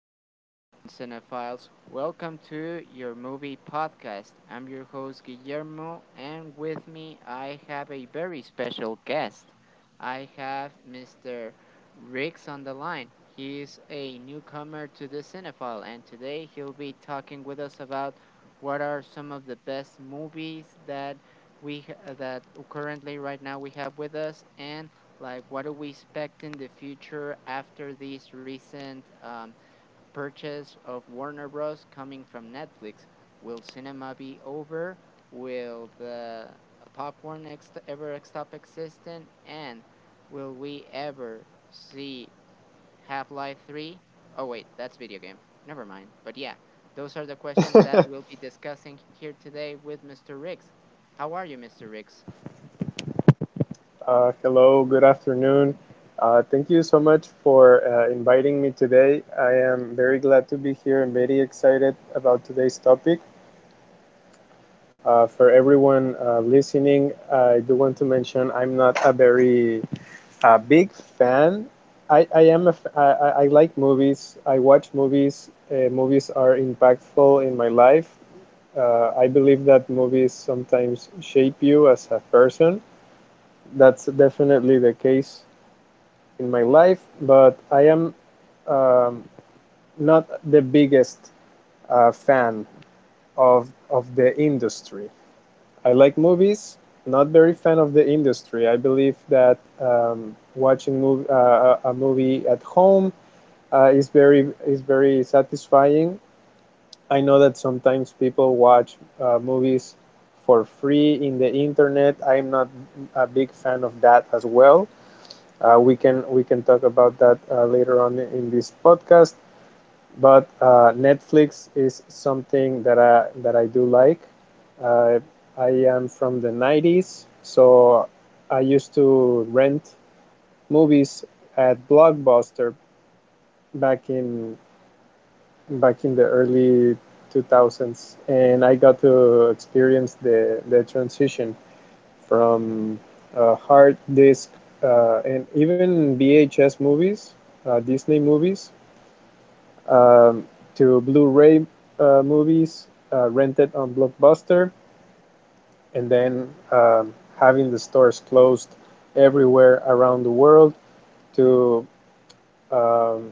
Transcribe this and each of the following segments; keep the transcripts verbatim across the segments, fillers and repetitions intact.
good afternoon, cinephiles. Welcome to your movie podcast. I'm your host, Guillermo, and with me I have a very special guest. I have mister Riggs on the line. He's a newcomer to the cinephile, and today he'll be talking with us about what are some of the best movies that we h- that currently right now we have with us and, like, what do we expect in the future after this recent um, purchase of Warner Bros. Coming from Netflix? Will cinema be over? Will the uh, popcorn ex- ever stop existing? And will we ever see Half Life three? Oh, wait, that's video game. Never mind. But yeah, those are the questions that we'll be discussing here today with mister Riggs. How are you, mister Riggs? Uh, hello, good afternoon. Uh, thank you so much for uh, inviting me today. I am very glad to be here and very excited about today's topic. Uh, for everyone uh, listening, I do want to mention I'm not a very uh, big fan. I, I am a f- I, I I like movies. I watch movies. Uh, movies are impactful in my life. Uh, I believe that movies sometimes shape you as a person, that's definitely the case in my life, but I am um, not the biggest uh, fan of of the industry. I like movies, not very fan of the industry. I believe that um, watching mov- uh, a movie at home uh, is very is very satisfying. I know that sometimes people watch uh, movies for free in the internet. I'm not a big fan of that as well. Uh, we can we can talk about that uh, later on in this podcast. But uh, Netflix is something that I that I do like. Uh, I am from the nineties, so I used to rent movies at Blockbuster back in back in the early two thousands, and I got to experience the the transition from uh, hard disk uh, and even V H S movies, uh, Disney movies, um, to Blu-ray uh, movies uh, rented on Blockbuster, and then um, having the stores closed everywhere around the world to um,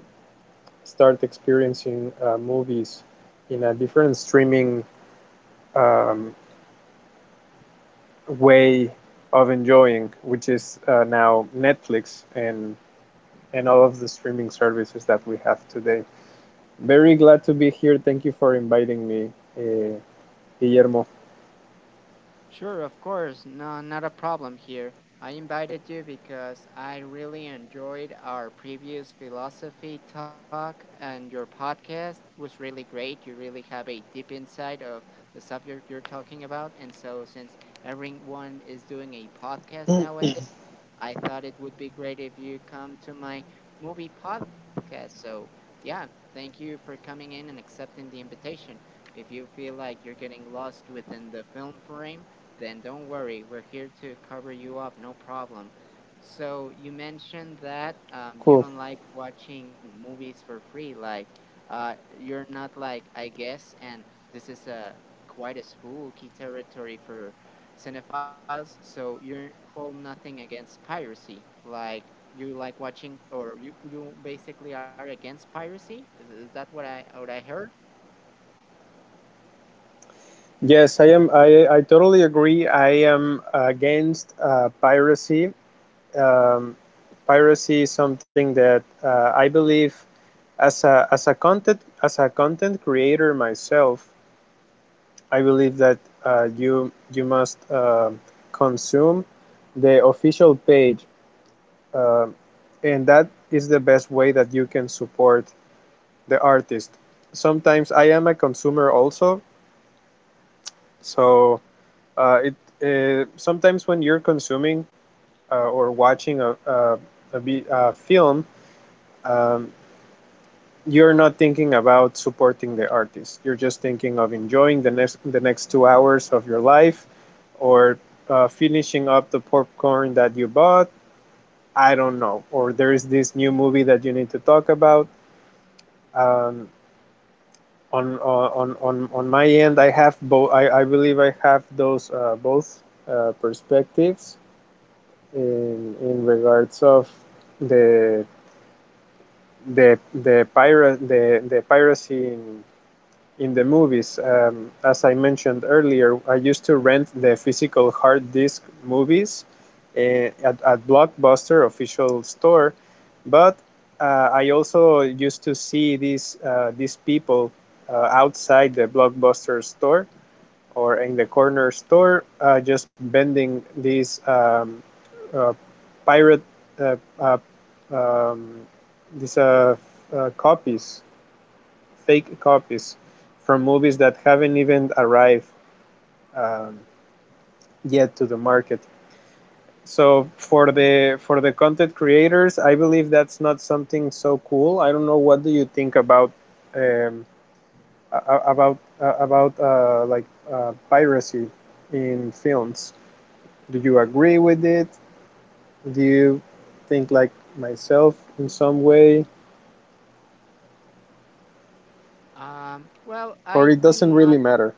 start experiencing uh, movies in a different streaming um, way of enjoying, which is uh, now Netflix and and all of the streaming services that we have today. Very glad to be here. Thank you for inviting me, uh, Guillermo. Sure, of course. No, not a problem here. I invited you because I really enjoyed our previous philosophy talk, and your podcast was really great. You really have a deep insight of the subject you're talking about. And so, since everyone is doing a podcast nowadays, I thought it would be great if you come to my movie podcast. So, yeah, thank you for coming in and accepting the invitation. If you feel like you're getting lost within the film frame, then don't worry. We're here to cover you up, no problem. So, you mentioned that um, Cool. you don't like watching movies for free. Like, uh, you're not, like, I guess, and this is a quite a spooky territory for cinephiles, so you hold nothing against piracy. Like you like watching, or you you basically are against piracy. Is, is that what I what I heard? Yes, I am. I, I totally agree. I am against uh, piracy. Um, Piracy is something that uh, I believe as a as a content as a content creator myself. I believe that uh, you you must uh, consume the official page. Um, and that is the best way that you can support the artist. Sometimes I am a consumer also, so uh, it uh, sometimes when you're consuming uh, or watching a, a, a, a film, um, you're not thinking about supporting the artist. You're just thinking of enjoying the next the next two hours of your life, or uh, finishing up the popcorn that you bought. I don't know. Or there is this new movie that you need to talk about. Um, on uh, on on on my end, i have both I, I believe I have those uh, both uh, perspectives in in regards of the the the pirate the the piracy in in the movies. Um, as I mentioned earlier, I used to rent the physical hard disk movies uh, at, at Blockbuster official store, but uh, I also used to see these uh, these people uh, outside the Blockbuster store or in the corner store uh, just vending these um, uh, pirate uh, uh, um, these uh, uh, copies, fake copies from movies that haven't even arrived um, yet to the market. So for the for the content creators, I believe that's not something so cool. I don't know what do you think about um, about uh, about uh, like uh, piracy in films. Do you agree with it? Do you think like myself in some way, Um. Well, I do or it doesn't not. really matter?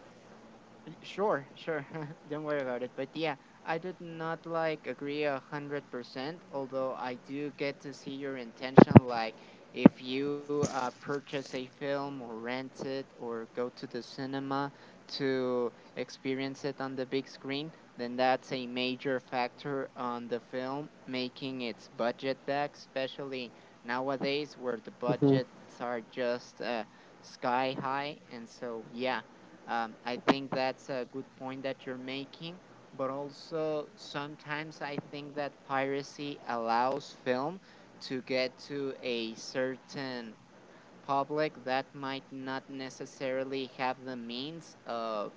Y- Sure, sure. Don't worry about it. But yeah, I did not like agree a hundred percent. Although I do get to see your intention, like if you uh, purchase a film or rent it or go to the cinema to experience it on the big screen, then that's a major factor on the film making its budget back, especially nowadays where the hmm budgets are just uh, sky high. And so yeah. Um, I think that's a good point that you're making, but also sometimes I think that piracy allows film to get to a certain public that might not necessarily have the means of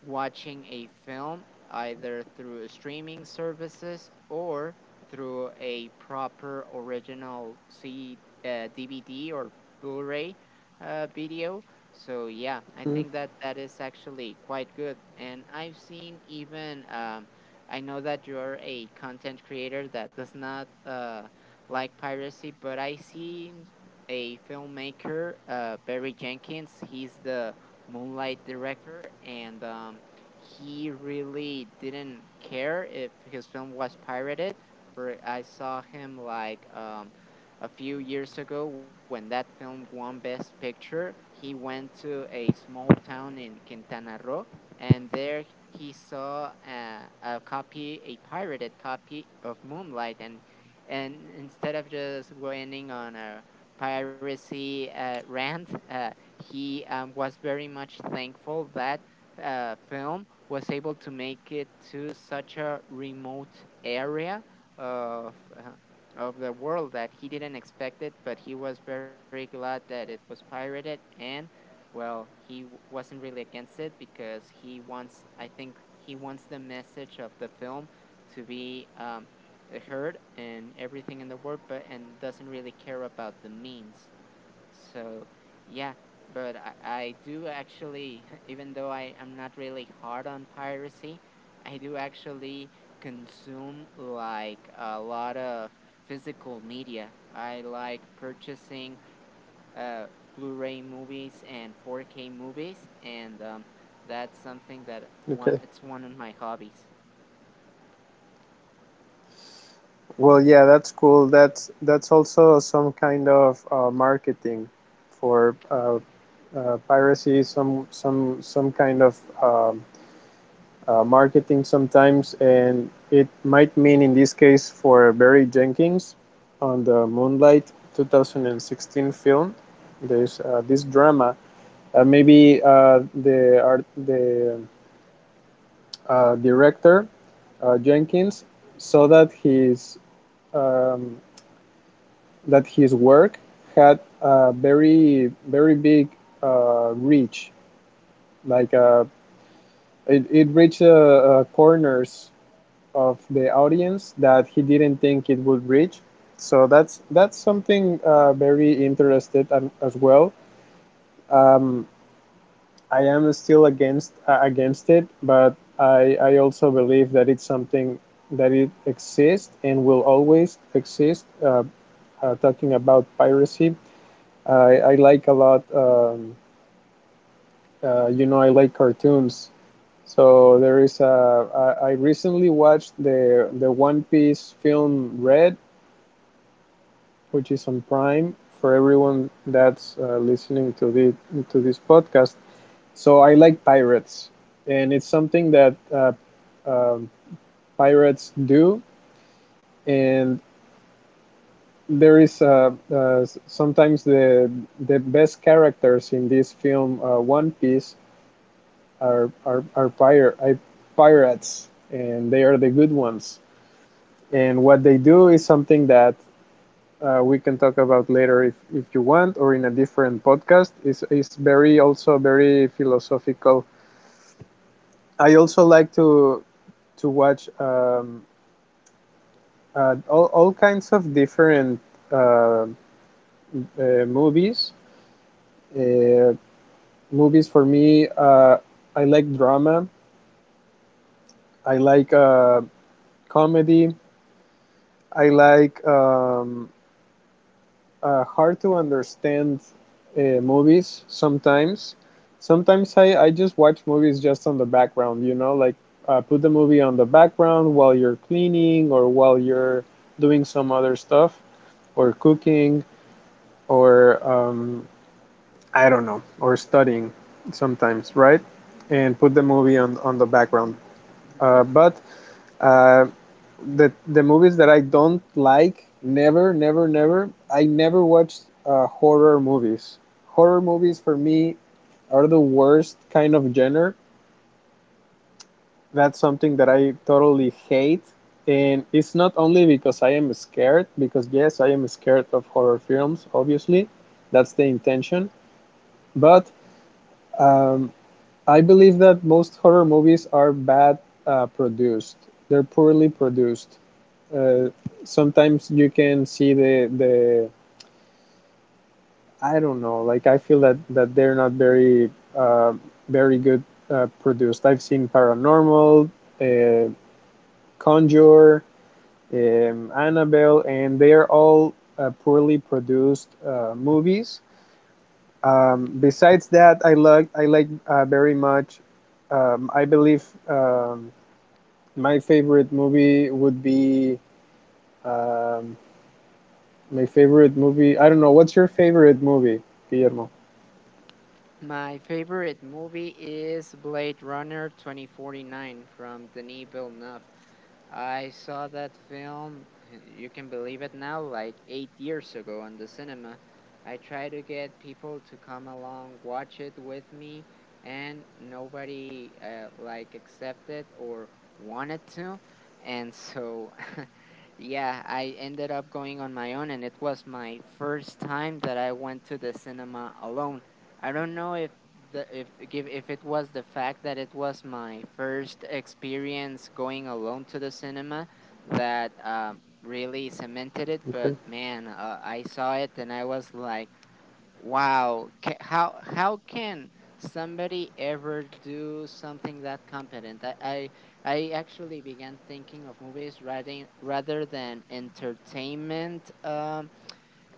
watching a film either through streaming services or through a proper original C uh, D V D or Blu-ray uh, video, so yeah, I think that that is actually quite good. And I've seen, even, um, I know that you're a content creator that does not uh, like piracy, but I seen a filmmaker, uh, Barry Jenkins. He's the Moonlight director, and um, he really didn't care if his film was pirated. For I saw him, like, um, a few years ago when that film won Best Picture. He went to a small town in Quintana Roo, and there he saw a, a copy, a pirated copy of Moonlight, and and instead of just going on a piracy uh, rant, uh, he um, was very much thankful that uh, film was able to make it to such a remote area of uh, of the world that he didn't expect it, but he was very glad that it was pirated. And, well, he w- wasn't really against it because he wants, I think, he wants the message of the film to be um, heard and everything in the world, but and doesn't really care about the means. So yeah. But I, I do actually, even though I am not really hard on piracy, I do actually consume like a lot of physical media. I like purchasing uh, Blu-ray movies and four K movies, and um, that's something that one Okay. it's one of my hobbies. Well, yeah, that's cool. That's that's also some kind of uh, marketing for uh, uh, piracy. Some some some kind of um uh, marketing sometimes, and it might mean in this case for Barry Jenkins on the Moonlight two thousand sixteen film. There's uh, this drama. Uh, maybe uh, the art the uh, director uh, Jenkins saw that his um, that his work had a very very big uh, reach. Like uh, it, it reached uh, uh, corners of the audience that he didn't think it would reach. So that's that's something uh, very interested um, as well. Um, I am still against uh, against it, but I, I also believe that it's something that it exists and will always exist. Uh, uh, talking about piracy, I, I like a lot. Um, uh, you know, I like cartoons. So there is a. I, I recently watched the the One Piece film Red, which is on Prime for everyone that's uh, listening to the to this podcast. So I like pirates, and it's something that uh, um pirates do. And there is uh, uh, sometimes the the best characters in this film uh, One Piece are are, are pirate pirates, and they are the good ones. And what they do is something that uh, we can talk about later, if, if you want, or in a different podcast. is is very also very philosophical. I also like to to watch um, uh, all all kinds of different uh, uh, movies. Uh, Movies for me, uh, I like drama. I like uh, comedy. I like um, uh, hard to understand uh, movies sometimes. Sometimes I, I just watch movies just on the background, you know, like uh, put the movie on the background while you're cleaning or while you're doing some other stuff or cooking or um, I don't know, or studying sometimes, right? And put the Mhm. movie on, on the background. Uh, but uh, the the movies that I don't like, never, never, never. I never watched uh, horror movies. Horror movies for me are the worst kind of genre. That's something that I totally hate, and it's not only because I am scared. Because yes, I am scared of horror films. Obviously, that's the intention. But um, I believe that most horror movies are bad uh, produced. They're poorly produced. uh, Sometimes you can see the the I don't know. Like I feel that that they're not very uh, very good uh, produced. I've seen Paranormal, uh, Conjure, um, Annabelle, and they are all uh, poorly produced uh, movies. Um, besides that, I like I like uh, very much. Um, I believe um, my favorite movie would be um, My favorite movie, I don't know. What's your favorite movie, Guillermo? My favorite movie is Blade Runner twenty forty-nine from Denis Villeneuve. I saw that film, you can believe it now, like eight years ago in the cinema. I tried to get people to come along, watch it with me, and nobody uh, like accepted or wanted to. And so, yeah, I ended up going on my own, and it was my first time that I went to the cinema alone. I don't know if the if give if it was the fact that it was my first experience going alone to the cinema that um, really cemented it, Okay. but, man, uh, I saw it and I was like, wow, ca- how how can somebody ever do something that competent? I I, I actually began thinking of movies rather rather than entertainment. Um,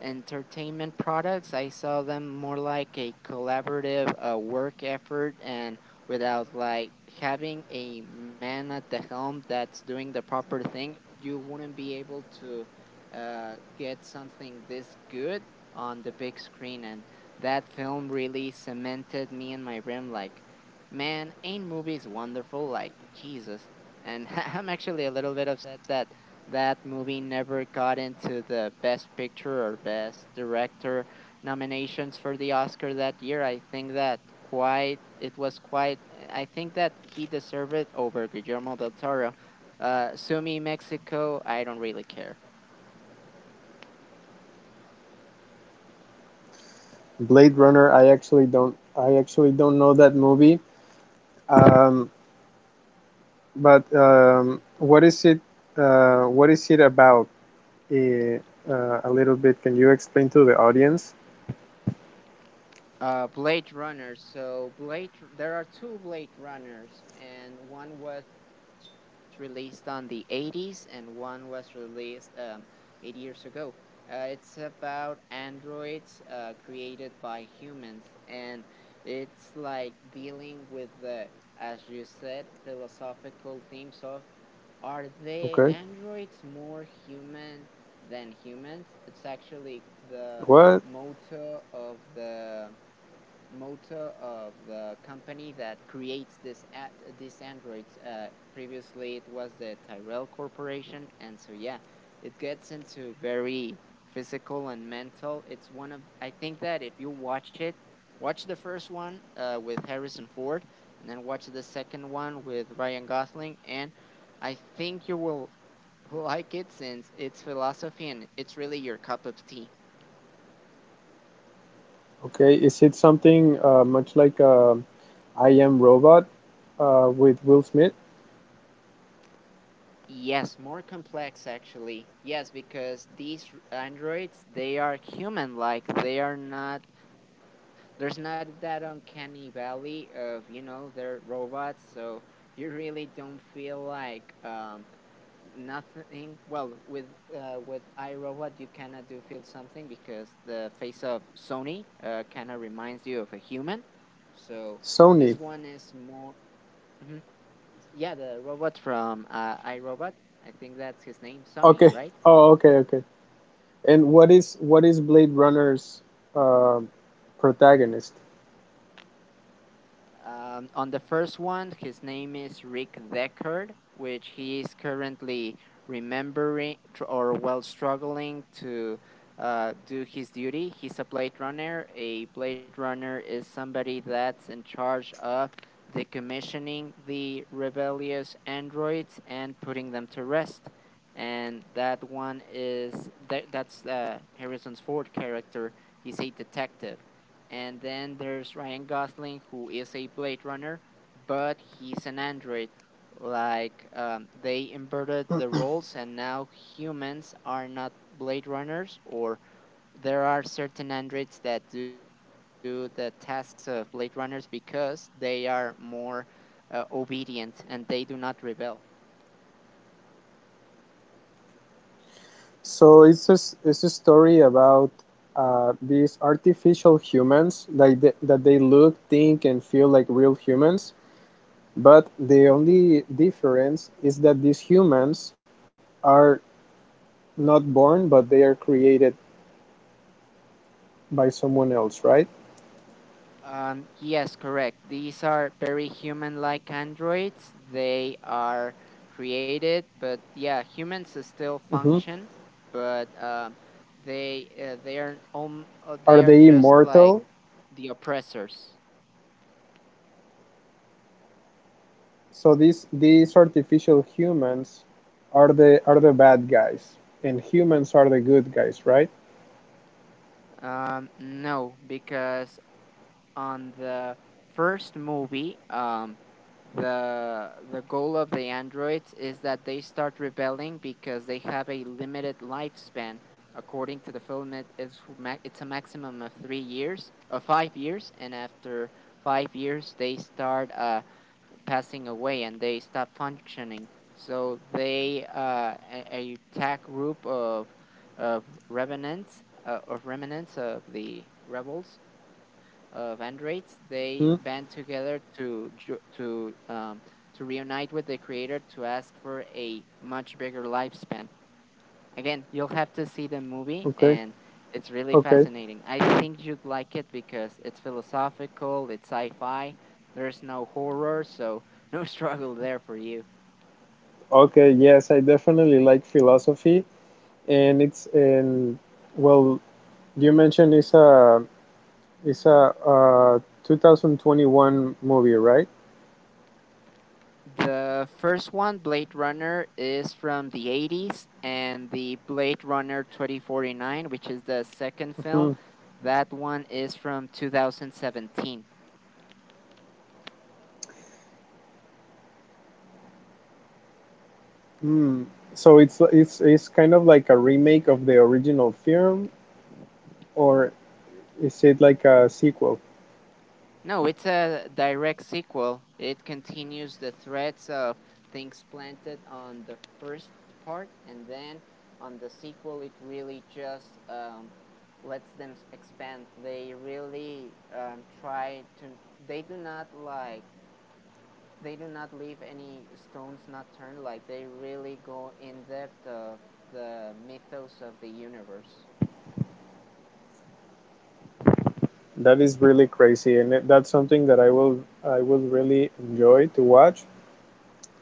Entertainment products. I saw them more like a collaborative uh, work effort, and without like having a man at the helm that's doing the proper thing, you wouldn't be able to uh, get something this good on the big screen. And that film really cemented me in my rim, like, man, ain't movies wonderful? Like, Jesus. And I'm actually a little bit upset that that movie never got into the Best Picture or Best Director nominations for the Oscar that year. I think that quite it was quite. I think that he deserved it over Guillermo del Toro. Uh, Sumi Mexico. I don't really care. Blade Runner. I actually don't. I actually don't know that movie. Um, but um, what is it? Uh, what is it about? Eh, Uh, a little bit. Can you explain to the audience? Uh, Blade Runner. So Blade, there are two Blade Runners, and one was released on the eighties, and one was released um, eight years ago. Uh, it's about androids uh, created by humans, and it's like dealing with the, as you said, philosophical themes of are the Okay. androids more human than humans? It's actually the What? motto of the motto of the company that creates this at this Android. Uh, previously, it was the Tyrell Corporation, and so yeah, it gets into very physical and mental. It's one of, I think that, if you watch it, watch the first one uh, with Harrison Ford, and then watch the second one with Ryan Gosling, and I think you will like it since it's philosophy and it's really your cup of tea. Okay. Is it something uh, much like uh, I Am Robot uh, with Will Smith? Yes, more complex actually. Yes, because these r- androids, they are human-like. They are not, there's not that uncanny valley of, you know, they're robots, so you really don't feel like um nothing. Well, with uh with iRobot, you cannot do feel something because the face of Sony uh kind of reminds you of a human. So this one Sony. is more. Hmm, yeah, the robot from uh, iRobot. I think that's his name, Sonny, Okay. right? Oh, okay, okay. And what is what is Blade Runner's uh, protagonist? Um, on the first one, his name is Rick Deckard, which he is currently remembering tr- or, well, struggling to uh, do his duty. He's a Blade Runner. A Blade Runner is somebody that's in charge of decommissioning the rebellious androids and putting them to rest. And that one is that that's uh, Harrison Ford character. He's a detective, and then there's Ryan Gosling, who is a Blade Runner, but he's an android. Like, um, they inverted the roles, and now humans are not Blade Runners, or there are certain androids that do the tasks of Blade Runners because they are more uh, obedient and they do not rebel. So it's a, s- it's a story about uh, these artificial humans that they, that they look, think, and feel like real humans. But the only difference is that these humans are not born, but they are created by someone else, right? Um, yes, correct. These are very human-like androids. They are created, but yeah, humans s- still hmm function, but um, they uh, they are um, uh, Are they are they just like immortal? the oppressors. So these these artificial humans are the are the bad guys, and humans are the good guys, right? Um, no, because on the first movie, um, the the goal of the androids is that they start rebelling because they have a limited lifespan. According to the film, it is ma- it's a maximum of three years, of five years, and after five years, they start uh, passing away and they stop functioning. So they, uh, a, a attack group of of revenants, uh, of remnants of the rebels of Andrates. They band Hmm? together to ju- to um, to reunite with the creator to ask for a much bigger lifespan. Again, you'll have to see the movie, Okay, and it's really okay, fascinating. I think you'd like it because it's philosophical, it's sci fi, there's no horror, so no struggle there for you. okay. Yes, I definitely like philosophy, and it's and well, you mentioned it's a it's a uh, two thousand twenty-one movie, right? The first one, Blade Runner, is from the eighties, and the Blade Runner twenty forty-nine, which is the second hmm film, that one is from twenty seventeen. Hmm. So it's it's it's kind of like a remake of the original film, or is it like a sequel? No, it's a direct sequel. It continues the threads of things planted on the first part, and then on the sequel, it really just um, lets them s- expand. They really um, try to. They do not like. They do not leave any stones not turned. Like they really go in depth of the mythos of the universe. That is really crazy, and it- that's something that I will I will really enjoy to watch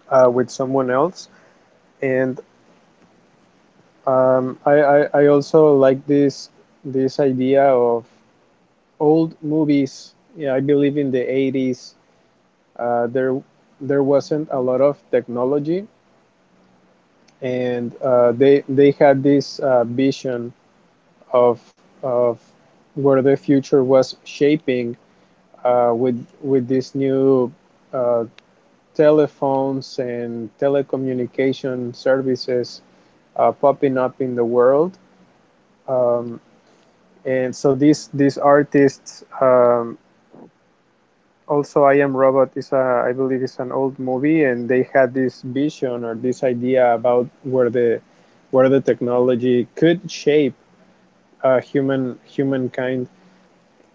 uh, with someone else. And um, I, I I also like this this idea of old movies. Yeah, I believe in the eighties. Uh, there there wasn't a lot of technology, and uh, they they had this uh, vision of of where the future was shaping uh, with with this new uh, telephones and telecommunication services uh, popping up in the world. Um, and so these these artists, um, also I Am Robot is a, I believe it's an old movie, and they had this vision or this idea about where the where the technology could shape uh, human humankind.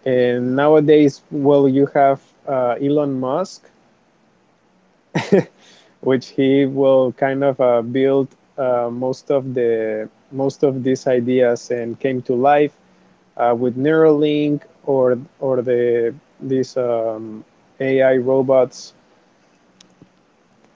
And nowadays, well, you have uh, Elon Musk, which he will kind of uh, build uh, most of the most of these ideas and came to life uh, with Neuralink or or the these um, A I robots,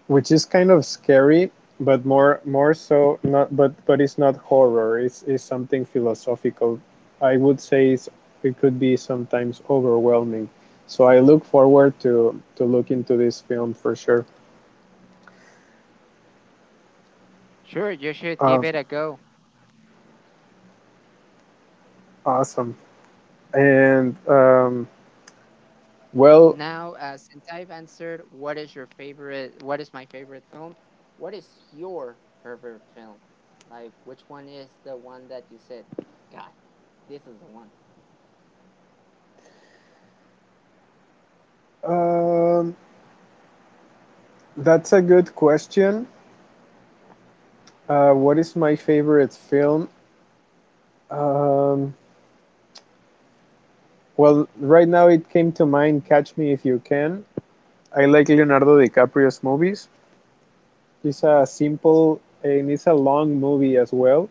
which is kind of scary, but more more so not but but it's not horror. It's it's something philosophical. I would say it's, it could be sometimes overwhelming. So I look forward to to look into this film for sure. Sure, you should give Um, it a go. Awesome. And um, well, Now, uh, since I've answered what is your favorite, what is my favorite film, what is your favorite film? Like, which one is the one that you said, God, this is the one? um, that's a good question. Uh, what is my favorite film? Um, well, right now it came to mind Catch Me If You Can. I like Leonardo DiCaprio's movies. It's a simple and it's a long movie as well,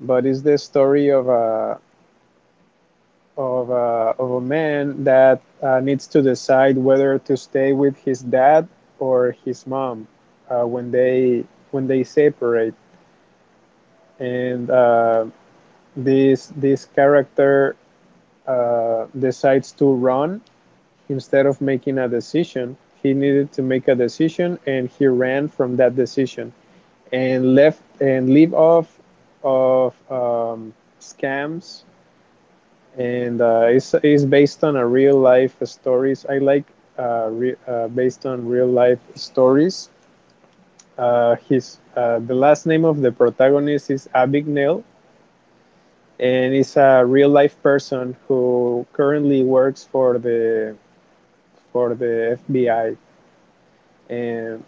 but it's the story of a of a, of a man that uh, needs to decide whether to stay with his dad or his mom uh, when they when they separate. and uh, this this character uh, decides to run instead of making a decision. He needed to make a decision, and he ran from that decision and left and leave off of um, scams. And uh, it's, it's based on a real life stories. I like uh, re- uh, based on real life stories. Uh, his uh, The last name of the protagonist is Abigail, and is a real life person who currently works for the for the F B I, and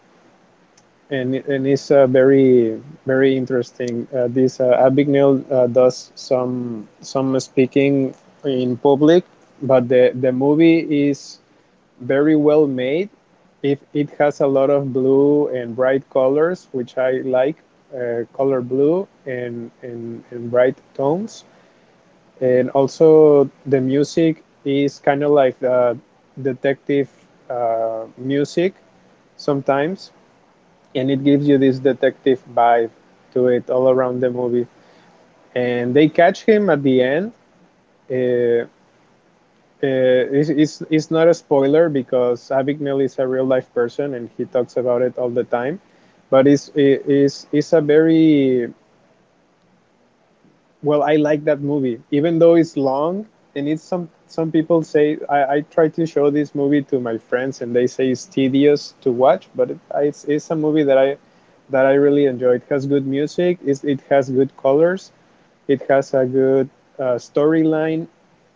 and, and it's uh, very very interesting. Uh, this uh, Abigail uh, does some some speaking in public, but the the movie is very well made. If it has a lot of blue and bright colors, which I like, uh, color blue and, and and bright tones, and also the music is kind of like the detective uh, music sometimes, and it gives you this detective vibe to it all around the movie. And they catch him at the end. Uh, uh, it's, it's, it's not a spoiler because Avignel is a real life person and he talks about it all the time. But it's, it's, it's a very Well, I like that movie, even though it's long, and it's, some some people say, I, I try to show this movie to my friends, and they say it's tedious to watch, but it, I- it's it's a movie that I that I really enjoy. It has good music, it, it has good colors, it has a good uh, storyline,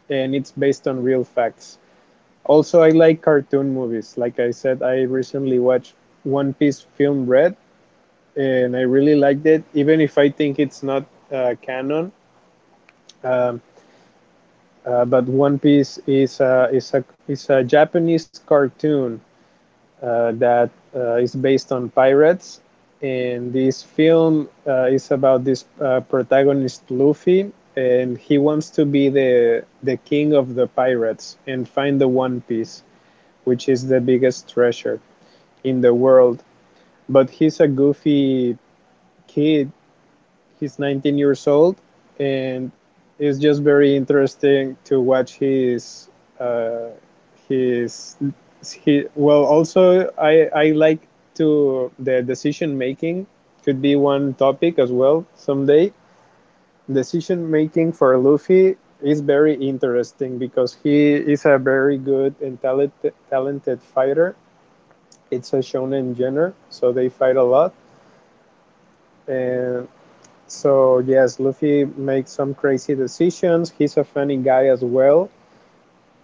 and it's based on real facts. Also, I like cartoon movies. Like I said, I recently watched One Piece Film Red, and I really liked it, even if I think it's not uh, canon. Um, Uh, but One Piece is a, is a, is a Japanese cartoon uh, that uh, is based on pirates. And this film uh, is about this uh, protagonist Luffy, and he wants to be the the king of the pirates and find the One Piece, which is the biggest treasure in the world. But he's a goofy kid. He's nineteen years old, and it's just very interesting to watch his uh, his he. Well, also I I like, to the decision making could be one topic as well someday. Decision making for Luffy is very interesting because he is a very good and talented talented fighter. It's a shonen genre, so they fight a lot, and so yes, Luffy makes some crazy decisions. He's a funny guy as well,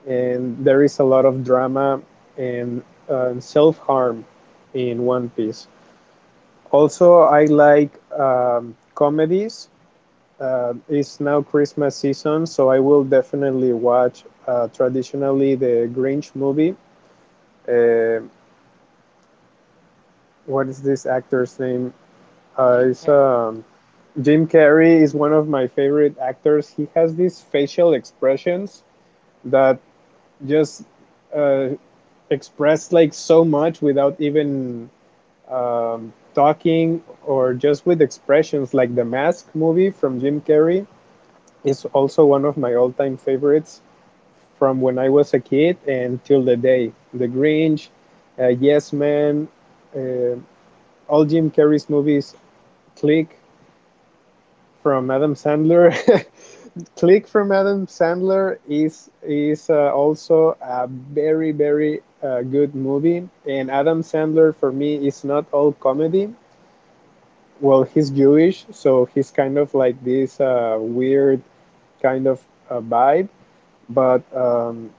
and there is a lot of drama and uh, self harm in One Piece. Also, I like um, comedies. Uh, it's now Christmas season, so I will definitely watch uh, traditionally the Grinch movie. Uh, what is this actor's name? Uh, it's Jim Carrey. um, Jim Carrey is one of my favorite actors. He has these facial expressions that just uh, express like so much without even um, talking, or just with expressions, like the Mask movie from Jim Carrey is also one of my all-time favorites from when I was a kid, and till the day, the Grinch, uh, Yes Man, uh, all Jim Carrey's movies, Click from Adam Sandler. Click from Adam Sandler is is uh, also a very very uh, good movie. And Adam Sandler for me is not all comedy. Well, he's Jewish, so he's kind of like this uh, weird kind of uh, vibe. But um,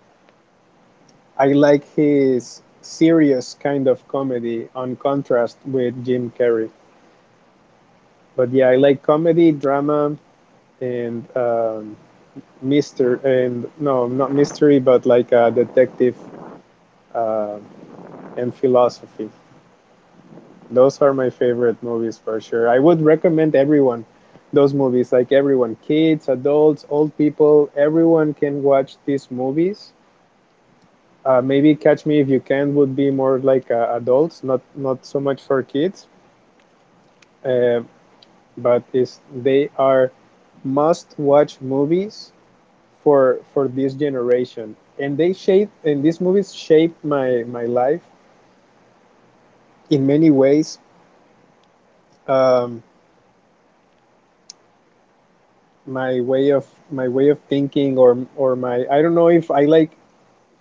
I like his serious kind of comedy on contrast with Jim Carrey. But yeah, I like comedy, drama, and um, mister, and no, not mystery, but like a detective, uh, and philosophy. Those are my favorite movies for sure. I would recommend everyone those movies. Like everyone, kids, adults, old people, everyone can watch these movies. Uh, maybe Catch Me If You Can would be more like uh, adults, not not so much for kids. Uh, but is they are must watch movies for for this generation, and they shape, and these movies shape my my life in many ways, um, my way of my way of thinking, or or my, I don't know if I like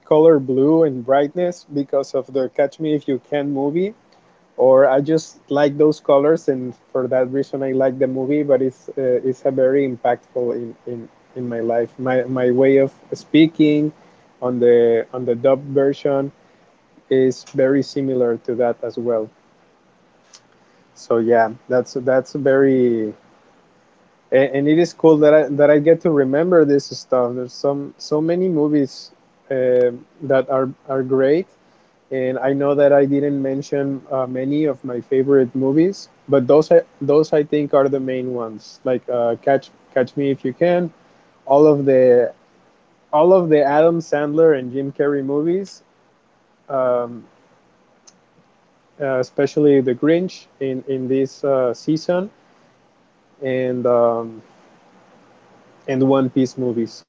color blue and brightness because of the Catch Me If You Can movie, or I just like those colors and for that reason I like the movie, but it's uh, it's a very impactful in, in in my life, my my way of speaking on the on the dub version is very similar to that as well. So yeah, that's that's very and it is cool that I that I get to remember this stuff. There's some so many movies uh, that are are great, and I know that I didn't mention uh, many of my favorite movies, but those I those I think are the main ones. Like uh, Catch Catch Me If You Can, all of the all of the Adam Sandler and Jim Carrey movies, um, uh, especially The Grinch in in this uh, season, and um, and One Piece movies,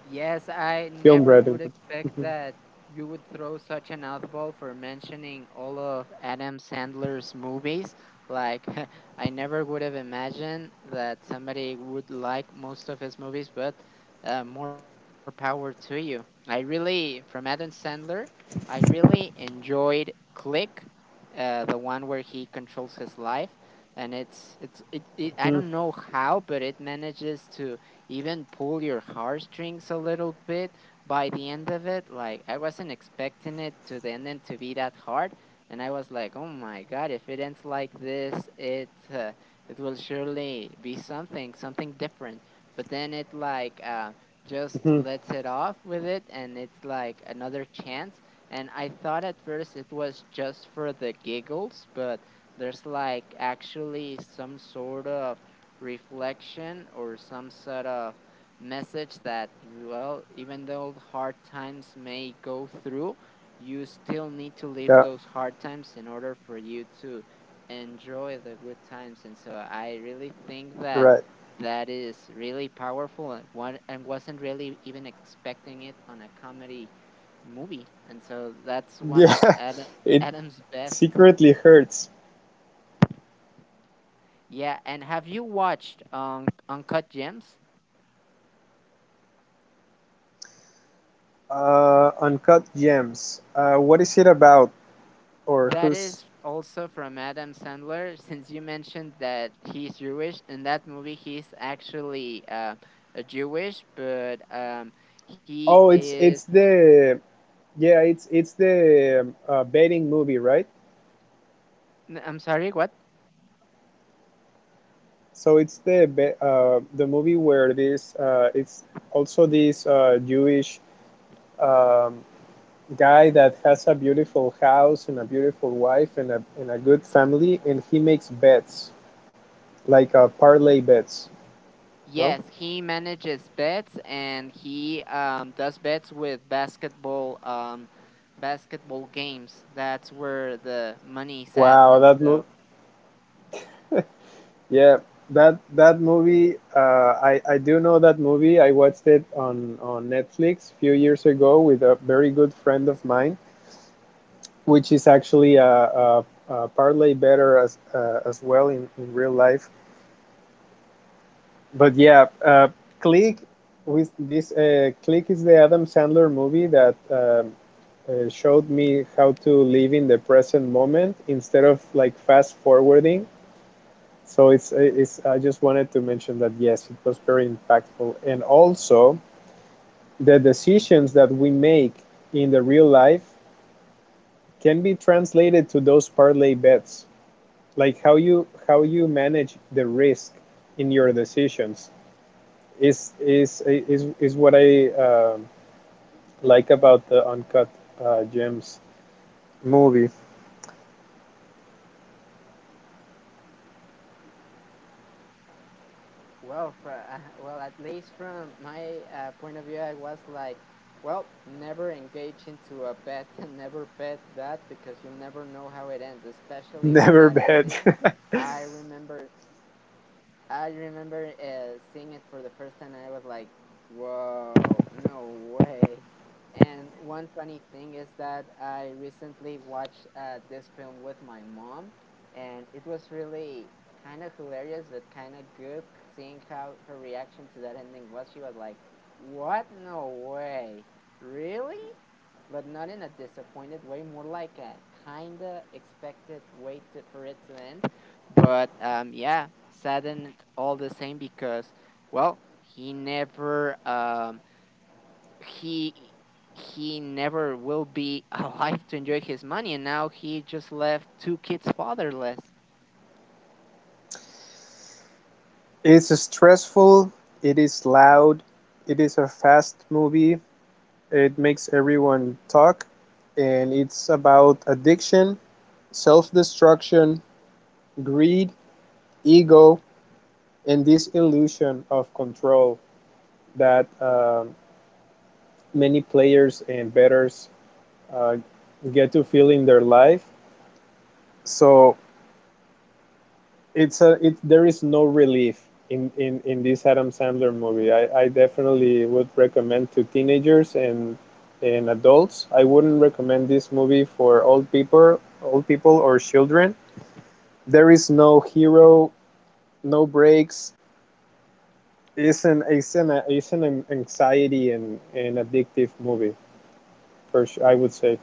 Yes, I Film Red in never would particular. expect that you would throw such an oddball for mentioning all of Adam Sandler's movies. Like, I never would have imagined that somebody would like most of his movies, but uh, more power to you. I really, from Adam Sandler, I really enjoyed Click, uh, the one where he controls his life. And it's, it's, it, it, I don't know how, but it manages to even pull your heartstrings a little bit by the end of it. Like I wasn't expecting it to the end and to be that hard, and I was like, oh my god, if it ends like this, it uh, it will surely be something something different. But then it like uh, just lets it off with it, and it's like another chance. And I thought at first it was just for the giggles, but there's like actually some sort of reflection or some sort of message that, well, even though hard times may go through, you still need to live Yeah, those hard times in order for you to enjoy the good times. And so I really think that right. that is really powerful and what and wasn't really even expecting it on a comedy movie. And so that's one of Yeah, Adam, it adam's best. secretly hurts. Yeah, and have you watched um Uncut Gems? Uh, Uncut Gems. Uh, what is it about, or That who's? is also from Adam Sandler, since you mentioned that he's Jewish. In that movie, he's actually uh, a Jewish, but um, he Oh, it's is. it's the, yeah, it's it's the um, uh, betting movie, right? n- I'm sorry, what? So it's the be- uh, the movie where this uh, it's also this uh, Jewish, um, guy that has a beautiful house and a beautiful wife and a, and a good family, and he makes bets, like a parlay bets. No. Yes, he manages bets and he um, does bets with basketball um, basketball games. That's where the money's at, Wow, and that movie. so, Yeah, that that movie, uh, I, I do know that movie. I watched it on, on Netflix a few years ago with a very good friend of mine, which is actually a, a, a parlay better, as, uh, as well, in, in real life. But yeah, uh, Click, with this uh, Click is the Adam Sandler movie that um, uh, showed me how to live in the present moment instead of like fast forwarding. So it's uh, it's I just wanted to mention that, yes, it was very impactful, and also the decisions that we make in the real life can be translated to those parlay bets, like how you how you manage the risk in your decisions is is is is what I um like about the Uncut uh, Gems movie. well, for uh, well, at least from my uh, point of view, I was like, well, never engage into a bet, never bet that because you'll never know how it ends, especially with that ending. Never I bad. remember I remember uh, seeing it for the first time, and I was like, "Whoa, no way!" And one funny thing is that I recently watched uh, this film with my mom, and it was really kind of hilarious, but kind of good seeing how her reaction to that ending was. She was like, "What? No way! Really?" But not in a disappointed way, more like a kinda expected way to, for it to end, but um, yeah, saddened all the same because, well, he never um, he he never will be alive to enjoy his money, and now he just left two kids fatherless. It's stressful. It is loud. It is a fast movie. It makes everyone talk, and it's about addiction, self-destruction, greed, ego, and this illusion of control that um many players and betters uh, get to feel in their life. So it's a it there is no relief in in in this Adam Sandler movie. I I definitely would recommend to teenagers and and adults. I wouldn't recommend this movie for old people, old people or children. There is no hero, no breaks. It's an it's an it's an anxiety and an addictive movie. For sure, I would say.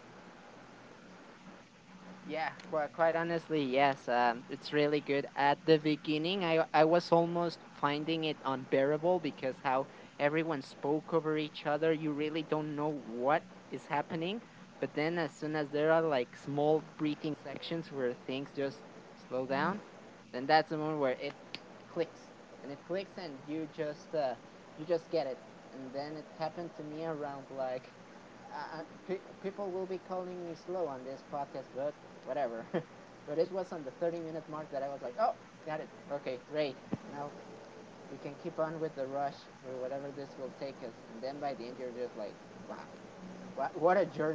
Yeah, quite, quite honestly, yes. Um, it's really good. At the beginning, I I was almost finding it unbearable because how everyone spoke over each other. You really don't know what is happening. But then, as soon as there are like small breathing sections where things just slow down, then that's the moment where it clicks and it clicks and you just uh, you just get it. And then it happened to me around like uh, pe- people will be calling me slow on this podcast, but whatever, but it was on the thirty minute mark that I was like, oh, got it, okay, great, now we can keep on with the rush or whatever this will take us. And then by the end you're just like, wow, what, what a journey.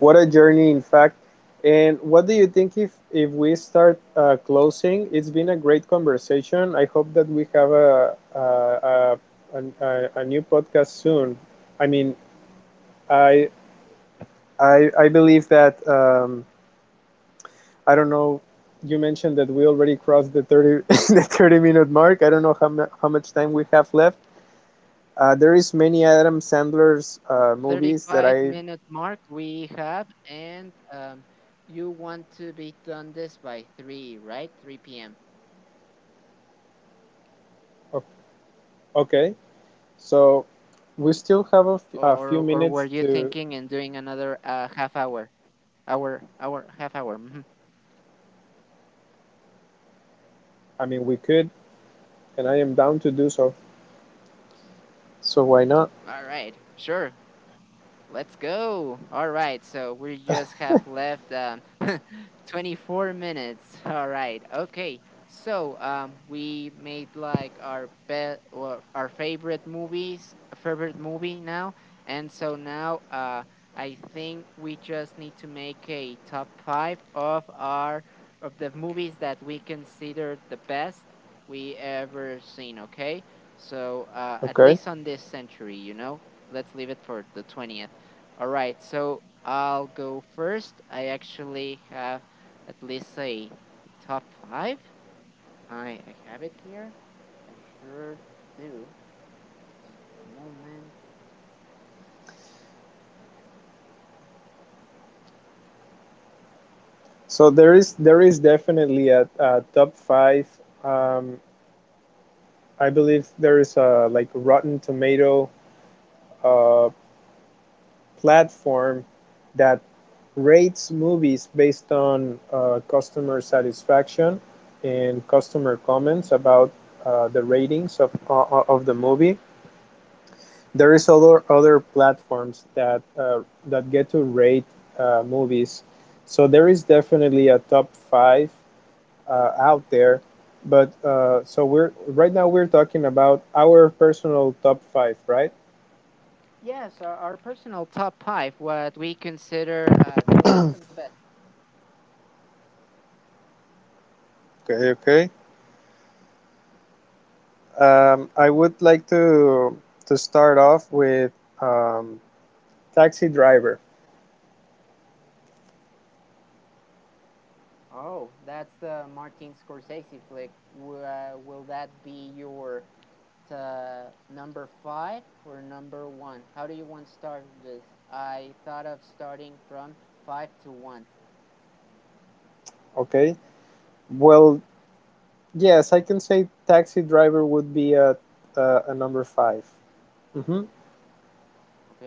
What a journey, in fact. And what do you think if if we start uh, closing? It's been a great conversation. I hope that we have a a, a, a, a new podcast soon. I mean, I I, I believe that, um, I don't know. You mentioned that we already crossed the thirty the thirty minute mark. I don't know how mu- how much time we have left. Uh, there is many Adam Sandler's uh, movies 35 that I minute mark we have, and um, you want to be done this by three, right? three p m. o- okay. So we still have a f- Or, a or, few or were minutes you to, thinking in doing another uh, half hour? Hour, hour, half hour. Mhm. I mean, we could, and I am down to do so. So why not? All right, sure. Let's go. All right. So we just have left um, twenty-four minutes. All right. Okay. So um, we made like our bet or our favorite movies, favorite movie now. And so now uh, I think we just need to make a top five of our of the movies that we consider the best we ever seen. Okay. So uh, at Okay. least on this century, you know, let's leave it for the twentieth. All right, so I'll go first. I actually have at least a, a top five. I, I have it here. I sure do. Just a moment. So there is there is definitely a, a top five. Um, I believe there is a, like, Rotten Tomato uh, platform that rates movies based on uh, customer satisfaction and customer comments about uh, the ratings of, uh, of the movie. There is other other platforms that uh, that get to rate uh, movies. So there is definitely a top five uh, out there, but uh, so we're right now we're talking about our personal top five, right? Yes, our, our personal top five, what we consider uh, best of the best. Okay, okay. Um, I would like to to start off with um, Taxi Driver. Oh, that's the Martin Scorsese flick. W- uh, will that be your uh, number five or number one? How do you want to start this? I thought of starting from five to one. Okay. Well, yes, I can say Taxi Driver would be a a, a number five. Mm-hmm. Okay.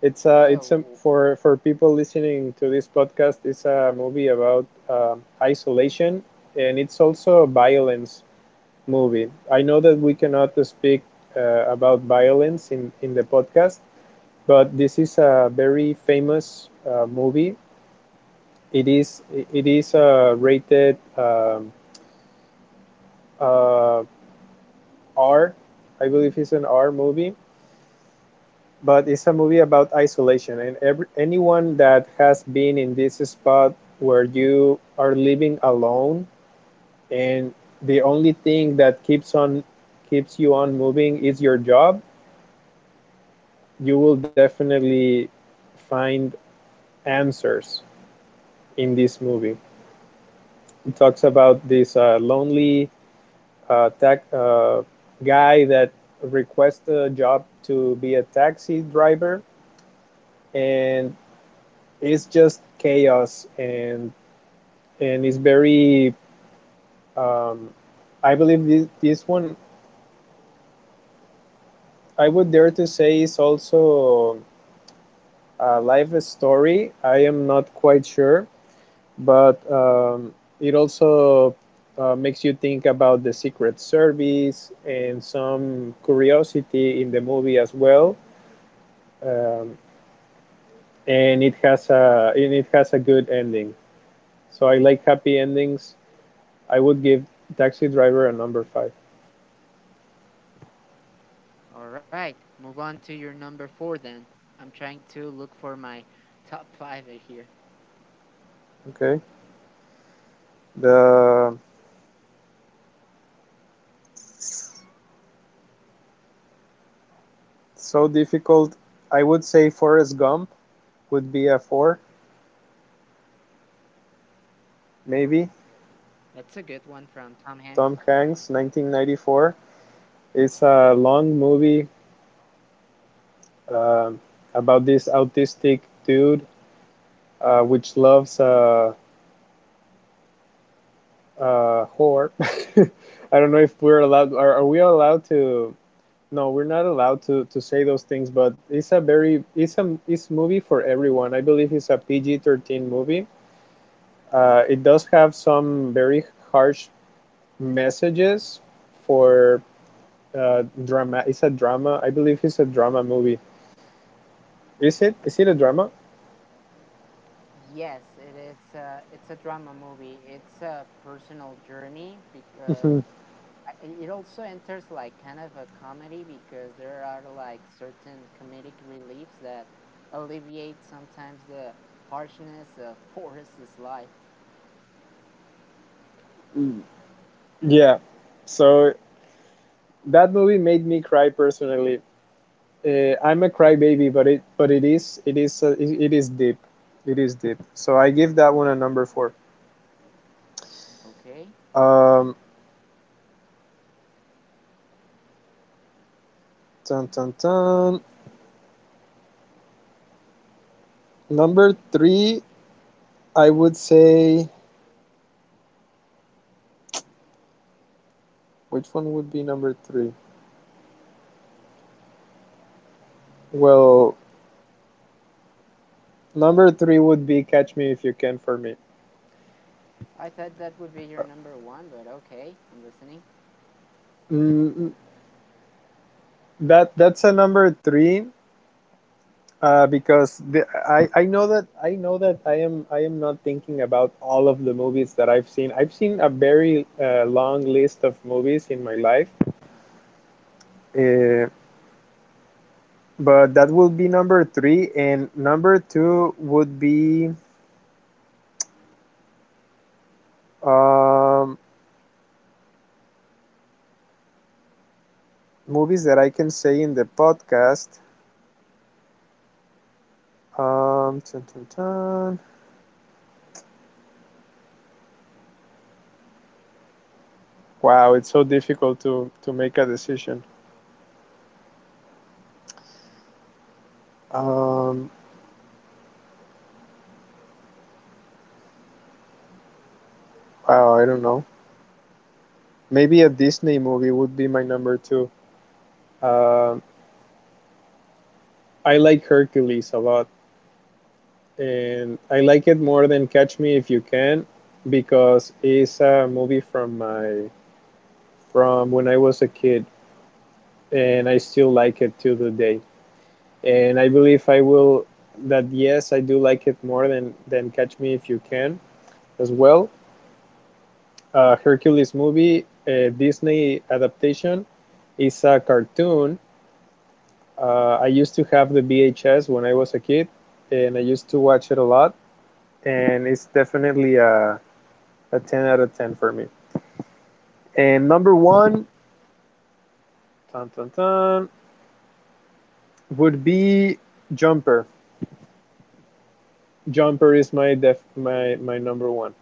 It's a, it's So, a for for people listening to this podcast. It's a movie about um isolation, and it's also a violence movie. I know that we cannot speak uh, about violence in in the podcast, but this is a very famous uh, movie. It is it is a rated, um, uh, R. I believe it's an R movie, but it's a movie about isolation, and every, anyone that has been in this spot where you are living alone, and the only thing that keeps on keeps you on moving is your job, you will definitely find answers in this movie. It talks about this uh, lonely uh, tac uh, guy that requests a job to be a taxi driver, and it's just chaos, and and it's very. Um, I believe this, this one I would dare to say is also a life story. I am not quite sure, but um, it also uh, makes you think about the Secret Service and some curiosity in the movie as well. Um, and it has a and it has a good ending. So I like happy endings. I would give Taxi Driver a number five. all right. Move on to your number four then. I'm trying to look for my top five here. Okay. The So difficult. I would say Forrest Gump would be a four, That's a maybe. good one from Tom Hanks. Tom Hanks, nineteen ninety-four. It's a long movie uh, about this autistic dude uh, which loves a uh, uh, whore. I don't know if we're allowed. Are, are we allowed to? No, we're not allowed to, to say those things. But it's a very it's a it's movie for everyone. I believe it's a P G thirteen movie. Uh, it does have some very harsh messages for uh, drama. It's a drama. I believe it's a drama movie. Is it? Is it a drama? Yes, it, it's a it's a drama movie. It's a personal journey because Mhm. it also enters like kind of a comedy because there are like certain comedic reliefs that alleviate sometimes the harshness of Forrest's life. Yeah. So that movie made me cry personally. Uh, I'm a crybaby, but it but it is it is uh, it, it is deep. It is deep. So I give that one a number four. Okay, Um, dun, dun, dun. Number three, I would say, which one would be number three? Well, number three would be Catch Me If You Can for me. I thought that would be your number one, but okay, I'm listening. Mm, That that's a number three uh, because the, I I know that I know that I am I am not thinking about all of the movies that I've seen. I've seen a very uh, long list of movies in my life, uh, but that will be number three. And number two would be um, movies that I can say in the podcast. Um, dun, dun, dun. Wow, it's so difficult to to make a decision. Um, wow, I don't know. Maybe a Disney movie would be my number two. Um I like Hercules a lot, and I like it more than Catch Me If You Can because it's a movie from my from when I was a kid, and I still like it to the day. And I believe I will that yes, I do like it more than than Catch Me If You Can as well. Uh, Hercules movie, a Disney adaptation, is a cartoon. Uh, I used to have the V H S when I was a kid, and I used to watch it a lot. And it's definitely a, a ten out of ten for me. And number one, dun, dun, dun, would be Jumper. Jumper is my def my my number one.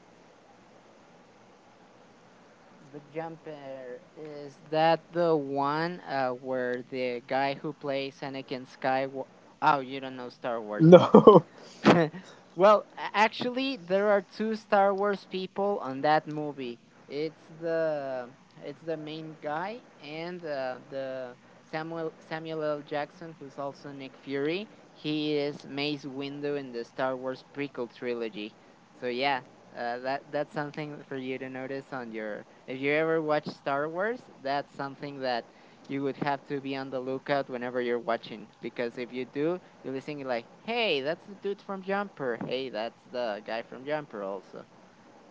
The Jumper is that the one uh, where the guy who plays Anakin Skywalker? Oh, you don't know Star Wars. Oh, No. well, a- actually, there are two Star Wars people on that movie. It's the it's the main guy and uh, the Samuel Samuel L. Jackson, who's also Nick Fury. He is Mace Windu in the Star Wars prequel trilogy. So yeah, uh, that that's something for you to notice on your if you ever watch Star Wars. That's something that you would have to be on the lookout whenever you're watching because if you do, you'll be singing like, "Hey, that's the dude from Jumper. Hey, that's the guy from Jumper." Also,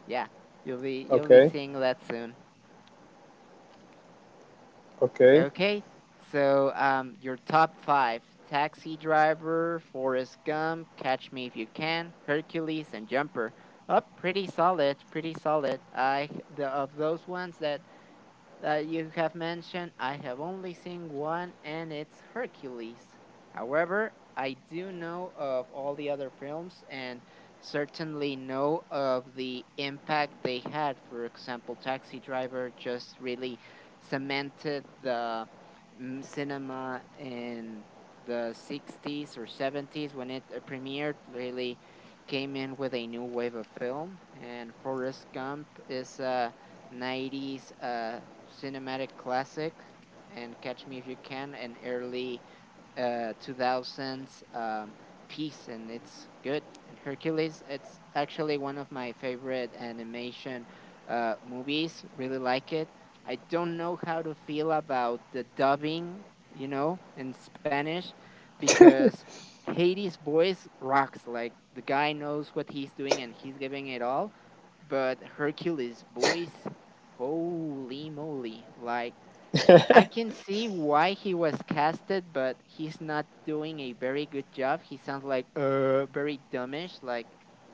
yeah, you'll be you'll be Okay. seeing that soon. Okay. Okay, so um, your top five: Taxi Driver, Forrest Gump, Catch Me If You Can, Hercules, and Jumper. Up, pretty solid, pretty solid. I the of those ones that that you have mentioned, I have only seen one, and it's Hercules. However, I do know of all the other films and certainly know of the impact they had. For example, Taxi Driver just really cemented the mm, cinema in the sixties or seventies when it uh, premiered, really came in with a new wave of film. And Forrest Gump is a nineties uh, cinematic classic, and Catch Me If You Can, an early uh two thousands um piece, and it's good. And Hercules, it's actually one of my favorite animation uh movies. Really like it. I don't know how to feel about the dubbing, you know, in Spanish, because Hades' voice rocks. Like, the guy knows what he's doing and he's giving it all, but Hercules' voice, holy moly, like, I can see why he was casted, but he's not doing a very good job. He sounds like uh very dumbish. Like,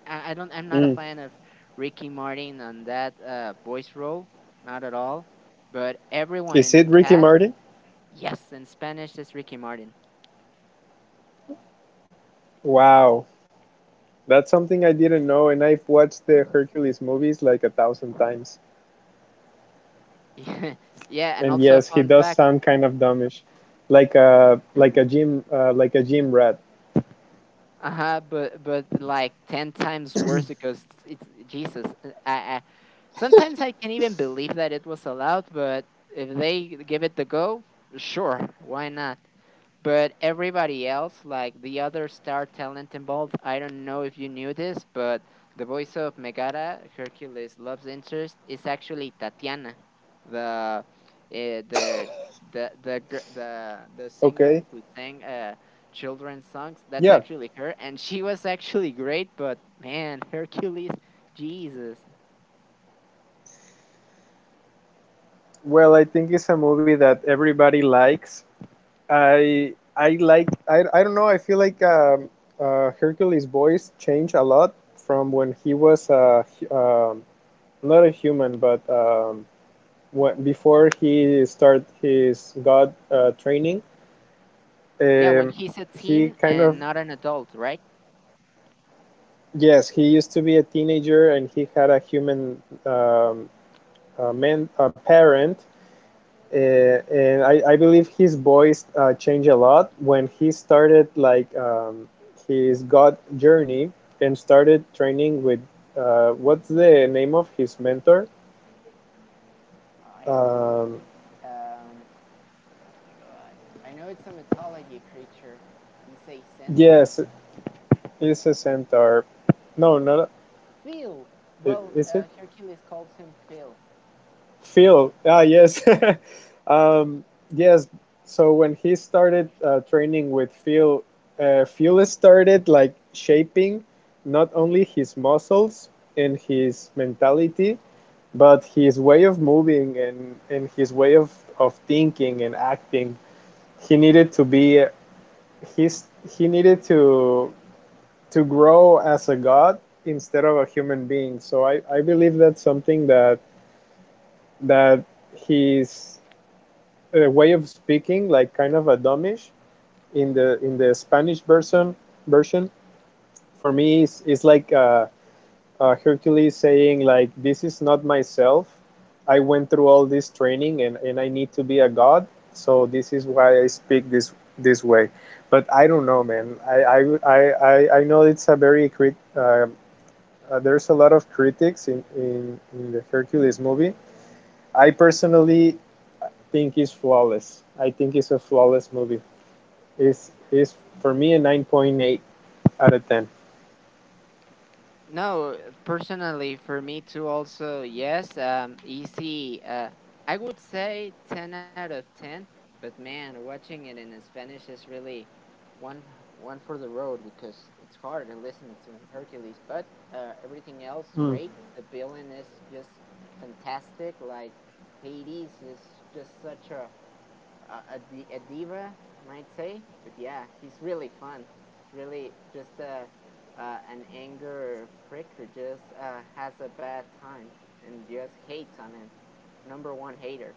I, I don't, I'm not a Mm. fan of Ricky Martin on that uh voice role, not at all. But everyone in Is the it Ricky cast, Martin? yes, in Spanish is Ricky Martin. Wow. That's something I didn't know, and I've watched the Hercules movies like a thousand times. Yeah, and And also yes, he fun does fact, sound kind of dumbish, like a like a gym uh, like a gym rat. uh huh, But but like ten times worse because it's Jesus. I I Sometimes I can even believe that it was allowed, but if they give it the go, sure, why not? But everybody else, like the other star talent involved, I don't know if you knew this, but the voice of Megara, Hercules' love's interest, is actually Tatiana, the uh, the the the gir- the the singer Okay, who sang uh children's songs. That's yeah. actually her, and she was actually great. But man, Hercules, Jesus. Well, I think it's a movie that everybody likes. I I like I, I don't know. I feel like um, uh, Hercules' voice changed a lot from when he was uh, hu- um not a human, but um, when, before he started his god uh, training. Yeah, when Um, he's a he teen kind and of not an adult, right? Yes, he used to be a teenager, and he had a human, um, a man, a parent. Uh, and I, I believe his voice uh, changed a lot when he started like um, his God journey and started training with uh, what's the name of his mentor? I really Um, um oh my god. I know it's a mythology creature. He's a centaur. yes, it's a centaur. No, not a- Phil. I- Well, is it? uh, Hercules calls him Phil. Phil, ah, yes. um, yes. So when he started uh, training with Phil, uh, Phil started like shaping not only his muscles and his mentality, but his way of moving and, and his way of, of thinking and acting. He needed to be he's he needed to to grow as a god instead of a human being. So I, I believe that's something that that he's uh, way of speaking, like kind of a dumbish in the in the Spanish version. Version for me is is like uh, uh, Hercules saying, like, "This is not myself. I went through all this training, and and I need to be a god. So this is why I speak this this way." But I don't know, man. I I I, I, know it's a very crit. Uh, uh, there's a lot of critics in, in, in the Hercules movie. I personally think it's flawless. I think it's a flawless movie. is is for me a nine point eight out of ten. No, eh, personally, for me too, also, yes, um, easy. Uh, I would say ten out of ten, but man, watching it in Spanish is really one one for the road because it's hard to listen to Hercules, but uh, everything else Mm. great. The villain is just fantastic. Like, Hades is just such a a, a, di- a diva, might say, but yeah, he's really fun. It's really just a, uh, an anger prick who just uh, has a bad time and just hates on him. Number one hater.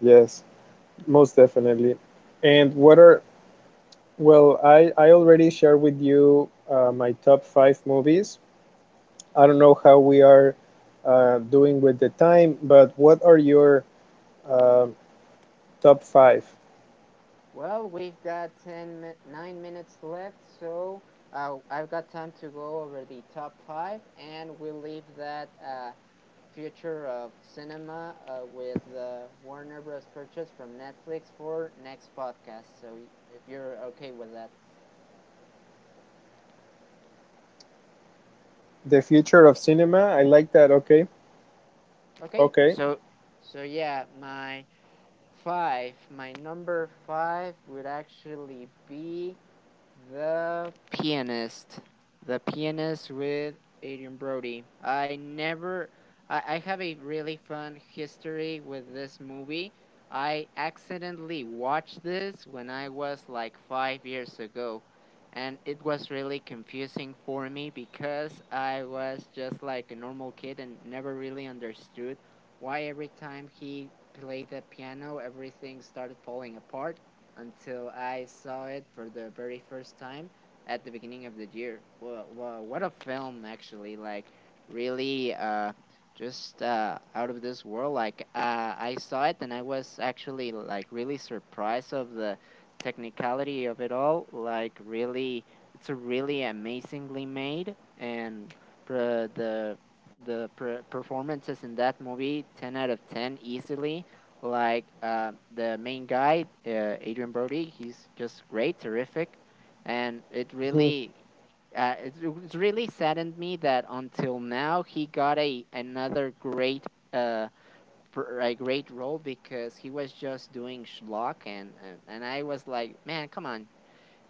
Yes, most definitely. And what are Well, i i already shared with you uh, my top five movies. I don't know how we are uh, doing with the time, but what are your uh, top five? Well, we've got ten nine minutes left, so uh, I've got time to go over the top five, and we'll leave that uh, future of cinema uh, with the Warner Bros. Purchase from Netflix for next podcast. So if you're okay with that, The future of cinema, I like that. Okay. okay. Okay. So so yeah, my five. My number five would actually be The Pianist. The Pianist with Adrian Brody. I never. I, I have a really fun history with this movie. I accidentally watched this when I was like five years ago. And it was really confusing for me because I was just like a normal kid and never really understood why every time he played the piano, everything started falling apart, until I saw it for the very first time at the beginning of the year. Wha wha what a film, actually. Like, really, uh, just uh, out of this world. Like, uh, I saw it and I was actually, like, really surprised of the technicality of it all. Like, really, it's a really amazingly made and for the the per- performances in that movie, ten out of ten easily. Like uh, the main guy, uh, Adrian Brody, he's just great, terrific. And it Mhm. really uh, it's, it's really saddened me that until now he got a another great uh per, a great role, because he was just doing schlock. And, and and I was like, man, come on.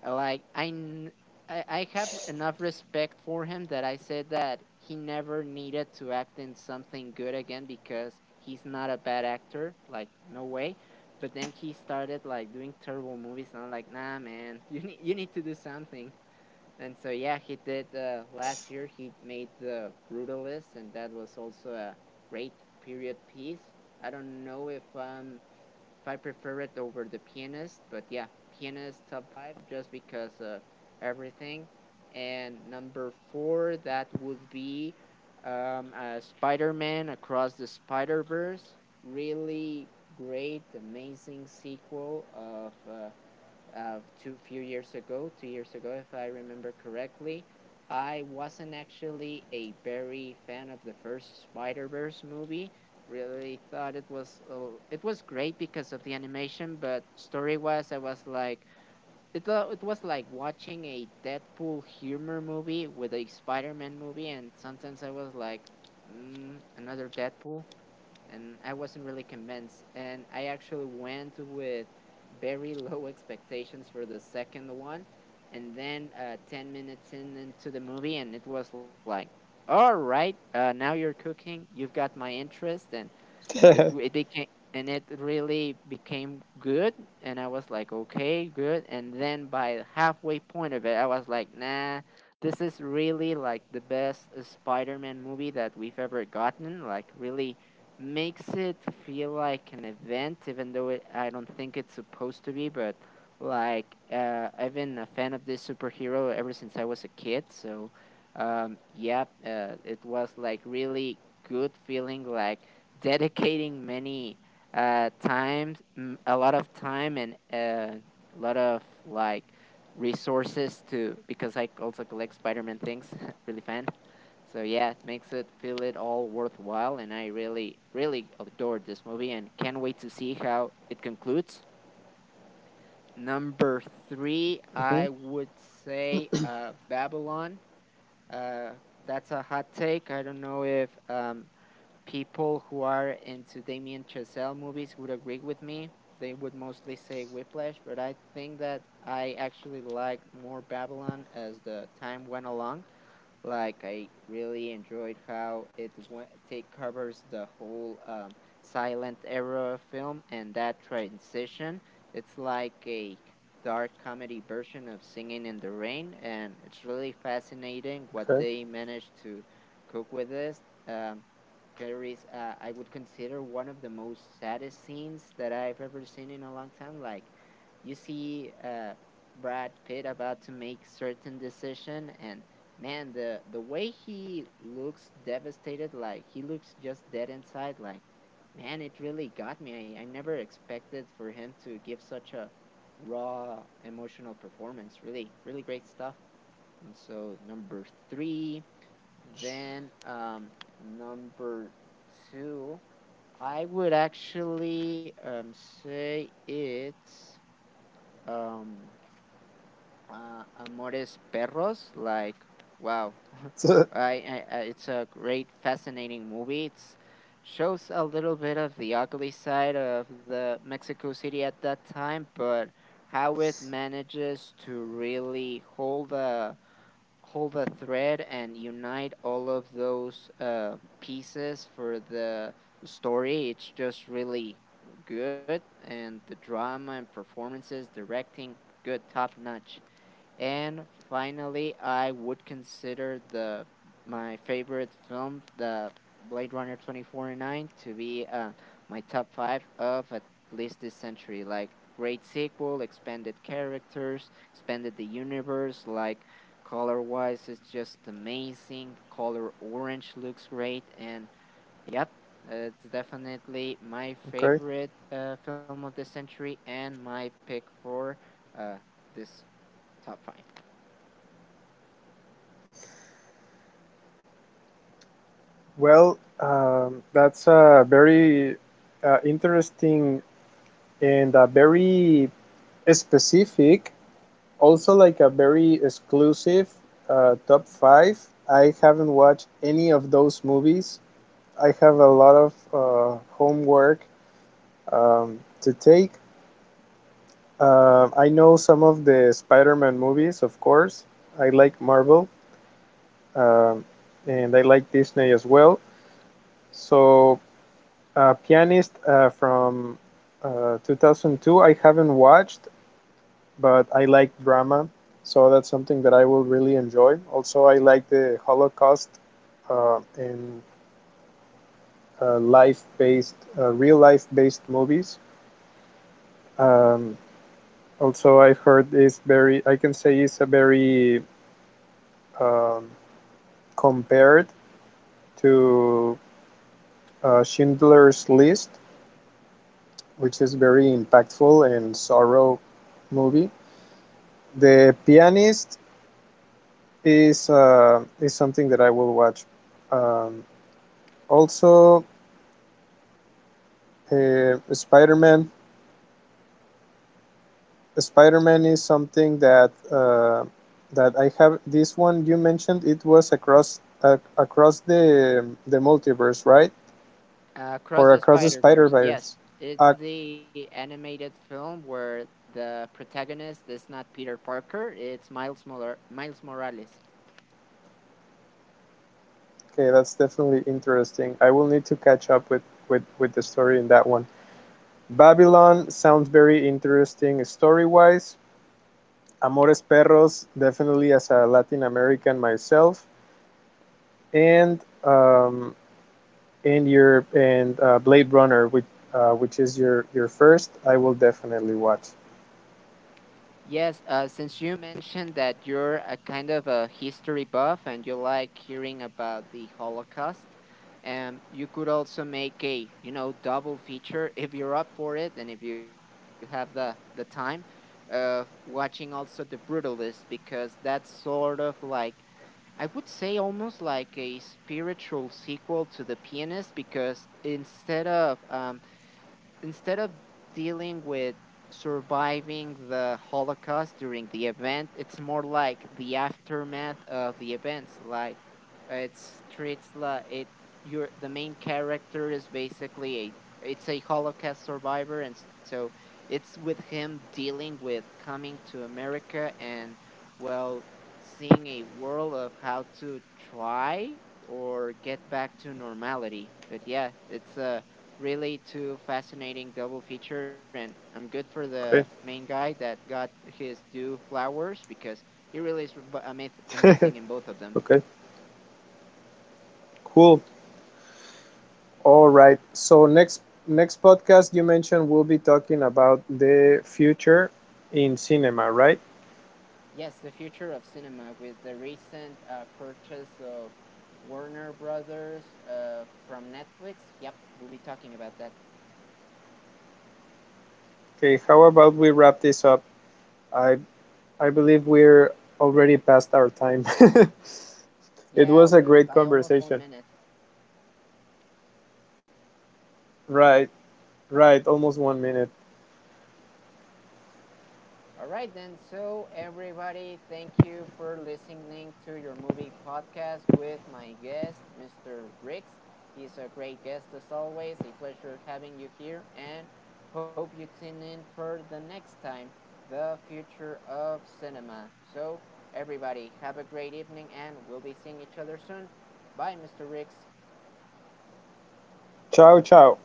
like I, n- I I have enough respect for him that I said that he never needed to act in something good again because he's not a bad actor. Like, no way. But then he started like doing terrible movies, and I'm like, nah, man, you need you need to do something. And so yeah, he did. Uh, last year he made the Brutalist, and that was also a great period piece. I don't know if I'm, if I prefer it over the Pianist, but yeah, Pianist top five just because of everything. And number four, that would be um, uh, Spider Man Across the Spider Verse. Really great, amazing sequel of uh, uh, two few years ago, two years ago, if I remember correctly. I wasn't actually a very fan of the first Spider Verse movie. Really thought it was, uh, it was great because of the animation, but story wise, I was like, it wa- it was like watching a Deadpool humor movie with a Spider Man movie, and sometimes I was like, mm, another Deadpool. And I wasn't really convinced. And I actually went with very low expectations for the second one, and then, uh, ten minutes in into the movie, and it was like, all right, uh, now you're cooking. You've got my interest. And it w- it became, and it really became good. And I was like, okay, good. And then by the halfway point of it I was like, nah, this is really like the best uh, Spider-Man movie that we've ever gotten. Like, really makes it feel like an event, even though it, I don't think it's supposed to be. But like, uh, I've been a fan of this superhero ever since I was a kid. So um yeah, uh, it was like really good feeling like dedicating many uh times m- a lot of time, and uh, a lot of like resources to, because I also collect Spider-Man things really fan. So yeah, it makes it feel it all worthwhile, and I really, really adored this movie and can't wait to see how it concludes. Number three, Mhm. I would say, uh Babylon. uh that's a hot take. I don't know if um people who are into Damien Chazelle movies would agree with me. They would mostly say Whiplash, but I think that I actually liked more Babylon as the time went along. Like, I really enjoyed how it went, take covers the whole um, silent era film and that transition. It's like a dark comedy version of Singing in the Rain, and it's really fascinating what Okay. they managed to cook with this. Um, carries, uh, I would consider one of the most saddest scenes that I've ever seen in a long time. Like, you see, uh, Brad Pitt about to make certain decision, and man, the the way he looks devastated, like he looks just dead inside. Like, man, it really got me. I, I never expected for him to give such a raw emotional performance. Really, really great stuff. And so number three, then um number two, I would actually um say it's um uh, Amores Perros. Like, wow, So, I, I, I- it's a great, fascinating movie. It's shows a little bit of the ugly side of the Mexico City at that time, but how it manages to really hold a hold a thread and unite all of those uh, pieces for the story. It's just really good. And the drama and performances, directing, good, top notch. And finally, I would consider the my favorite film, the Blade Runner twenty forty-nine, to be, uh, my top five of at least this century. Like, great sequel, expanded characters, expanded the universe. Like, color wise, it's just amazing. Color orange looks great. And yep, it's definitely my okay. favorite uh, film of the century and my pick for uh, this top five. Well, um, that's a very uh, interesting and a very specific. Also, like a very exclusive uh, top five. I haven't watched any of those movies. I have a lot of uh, homework um, to take. Uh, I know some of the Spider-Man movies, of course. I like Marvel, um, and I like Disney as well. So, uh, Pianist uh, from uh, two thousand two, I haven't watched. But I like drama, so that's something that I will really enjoy. Also, I like the Holocaust, uh, and uh, life-based, uh, real life-based movies. Um, also, I've heard it's very, I can say it's a very um, compared to uh, Schindler's List, which is very impactful and sorrow movie. The Pianist is uh, is something that I will watch. Um, Also, Uh, Spider-Man. Spider-Man is something that uh, that I have. This one you mentioned, it was across uh, across the the multiverse, right? Uh, Across Or the across the Spider-Verse, yes. Spider-Verse. It's Okay, the animated film where the protagonist is not Peter Parker, it's Miles Mor- Miles Morales. that's definitely interesting. I will need to catch up with with with the story in that one. Babylon sounds very interesting story-wise. Amores Perros, definitely as a Latin American myself, and um, and your and uh, Blade Runner, which uh, which is your your first, I will definitely watch. Yes, uh, since you mentioned that you're a kind of a history buff and you like hearing about the Holocaust, um, you could also make a, you know, double feature if you're up for it and if you have the, the time of watching also The Brutalist, because that's sort of like, I would say almost like a spiritual sequel to The Pianist, because instead of, um, instead of dealing with surviving the Holocaust during the event, it's more like the aftermath of the events. Like, it's treats like it, your, the main character is basically a, it's a Holocaust survivor, and so it's with him dealing with coming to America and, well, seeing a world of how to try or get back to normality. But yeah, it's a really too fascinating double feature, and I'm good for the Okay. main guy that got his due flowers, because he really is bu- amaz- amazing in both of them. Okay. Cool. All right. So next next podcast, you mentioned, we'll be talking about the future in cinema, right? Yes, the future of cinema with the recent uh, purchase of Warner Brothers uh, from Netflix. Yep, we'll be talking about that. Okay. How about we wrap this up? I I believe we're already past our time. Yeah, It was we're a by great almost one conversation. minute. Right. Right. Almost one minute. All right, then. So, everybody, thank you for listening to your movie podcast with my guest, Mister Riggs. He's a great guest as always. A pleasure having you here, and hope you tune in for the next time, the future of cinema. So, everybody, have a great evening, and we'll be seeing each other soon. Bye, Mister Riggs. Ciao. Ciao.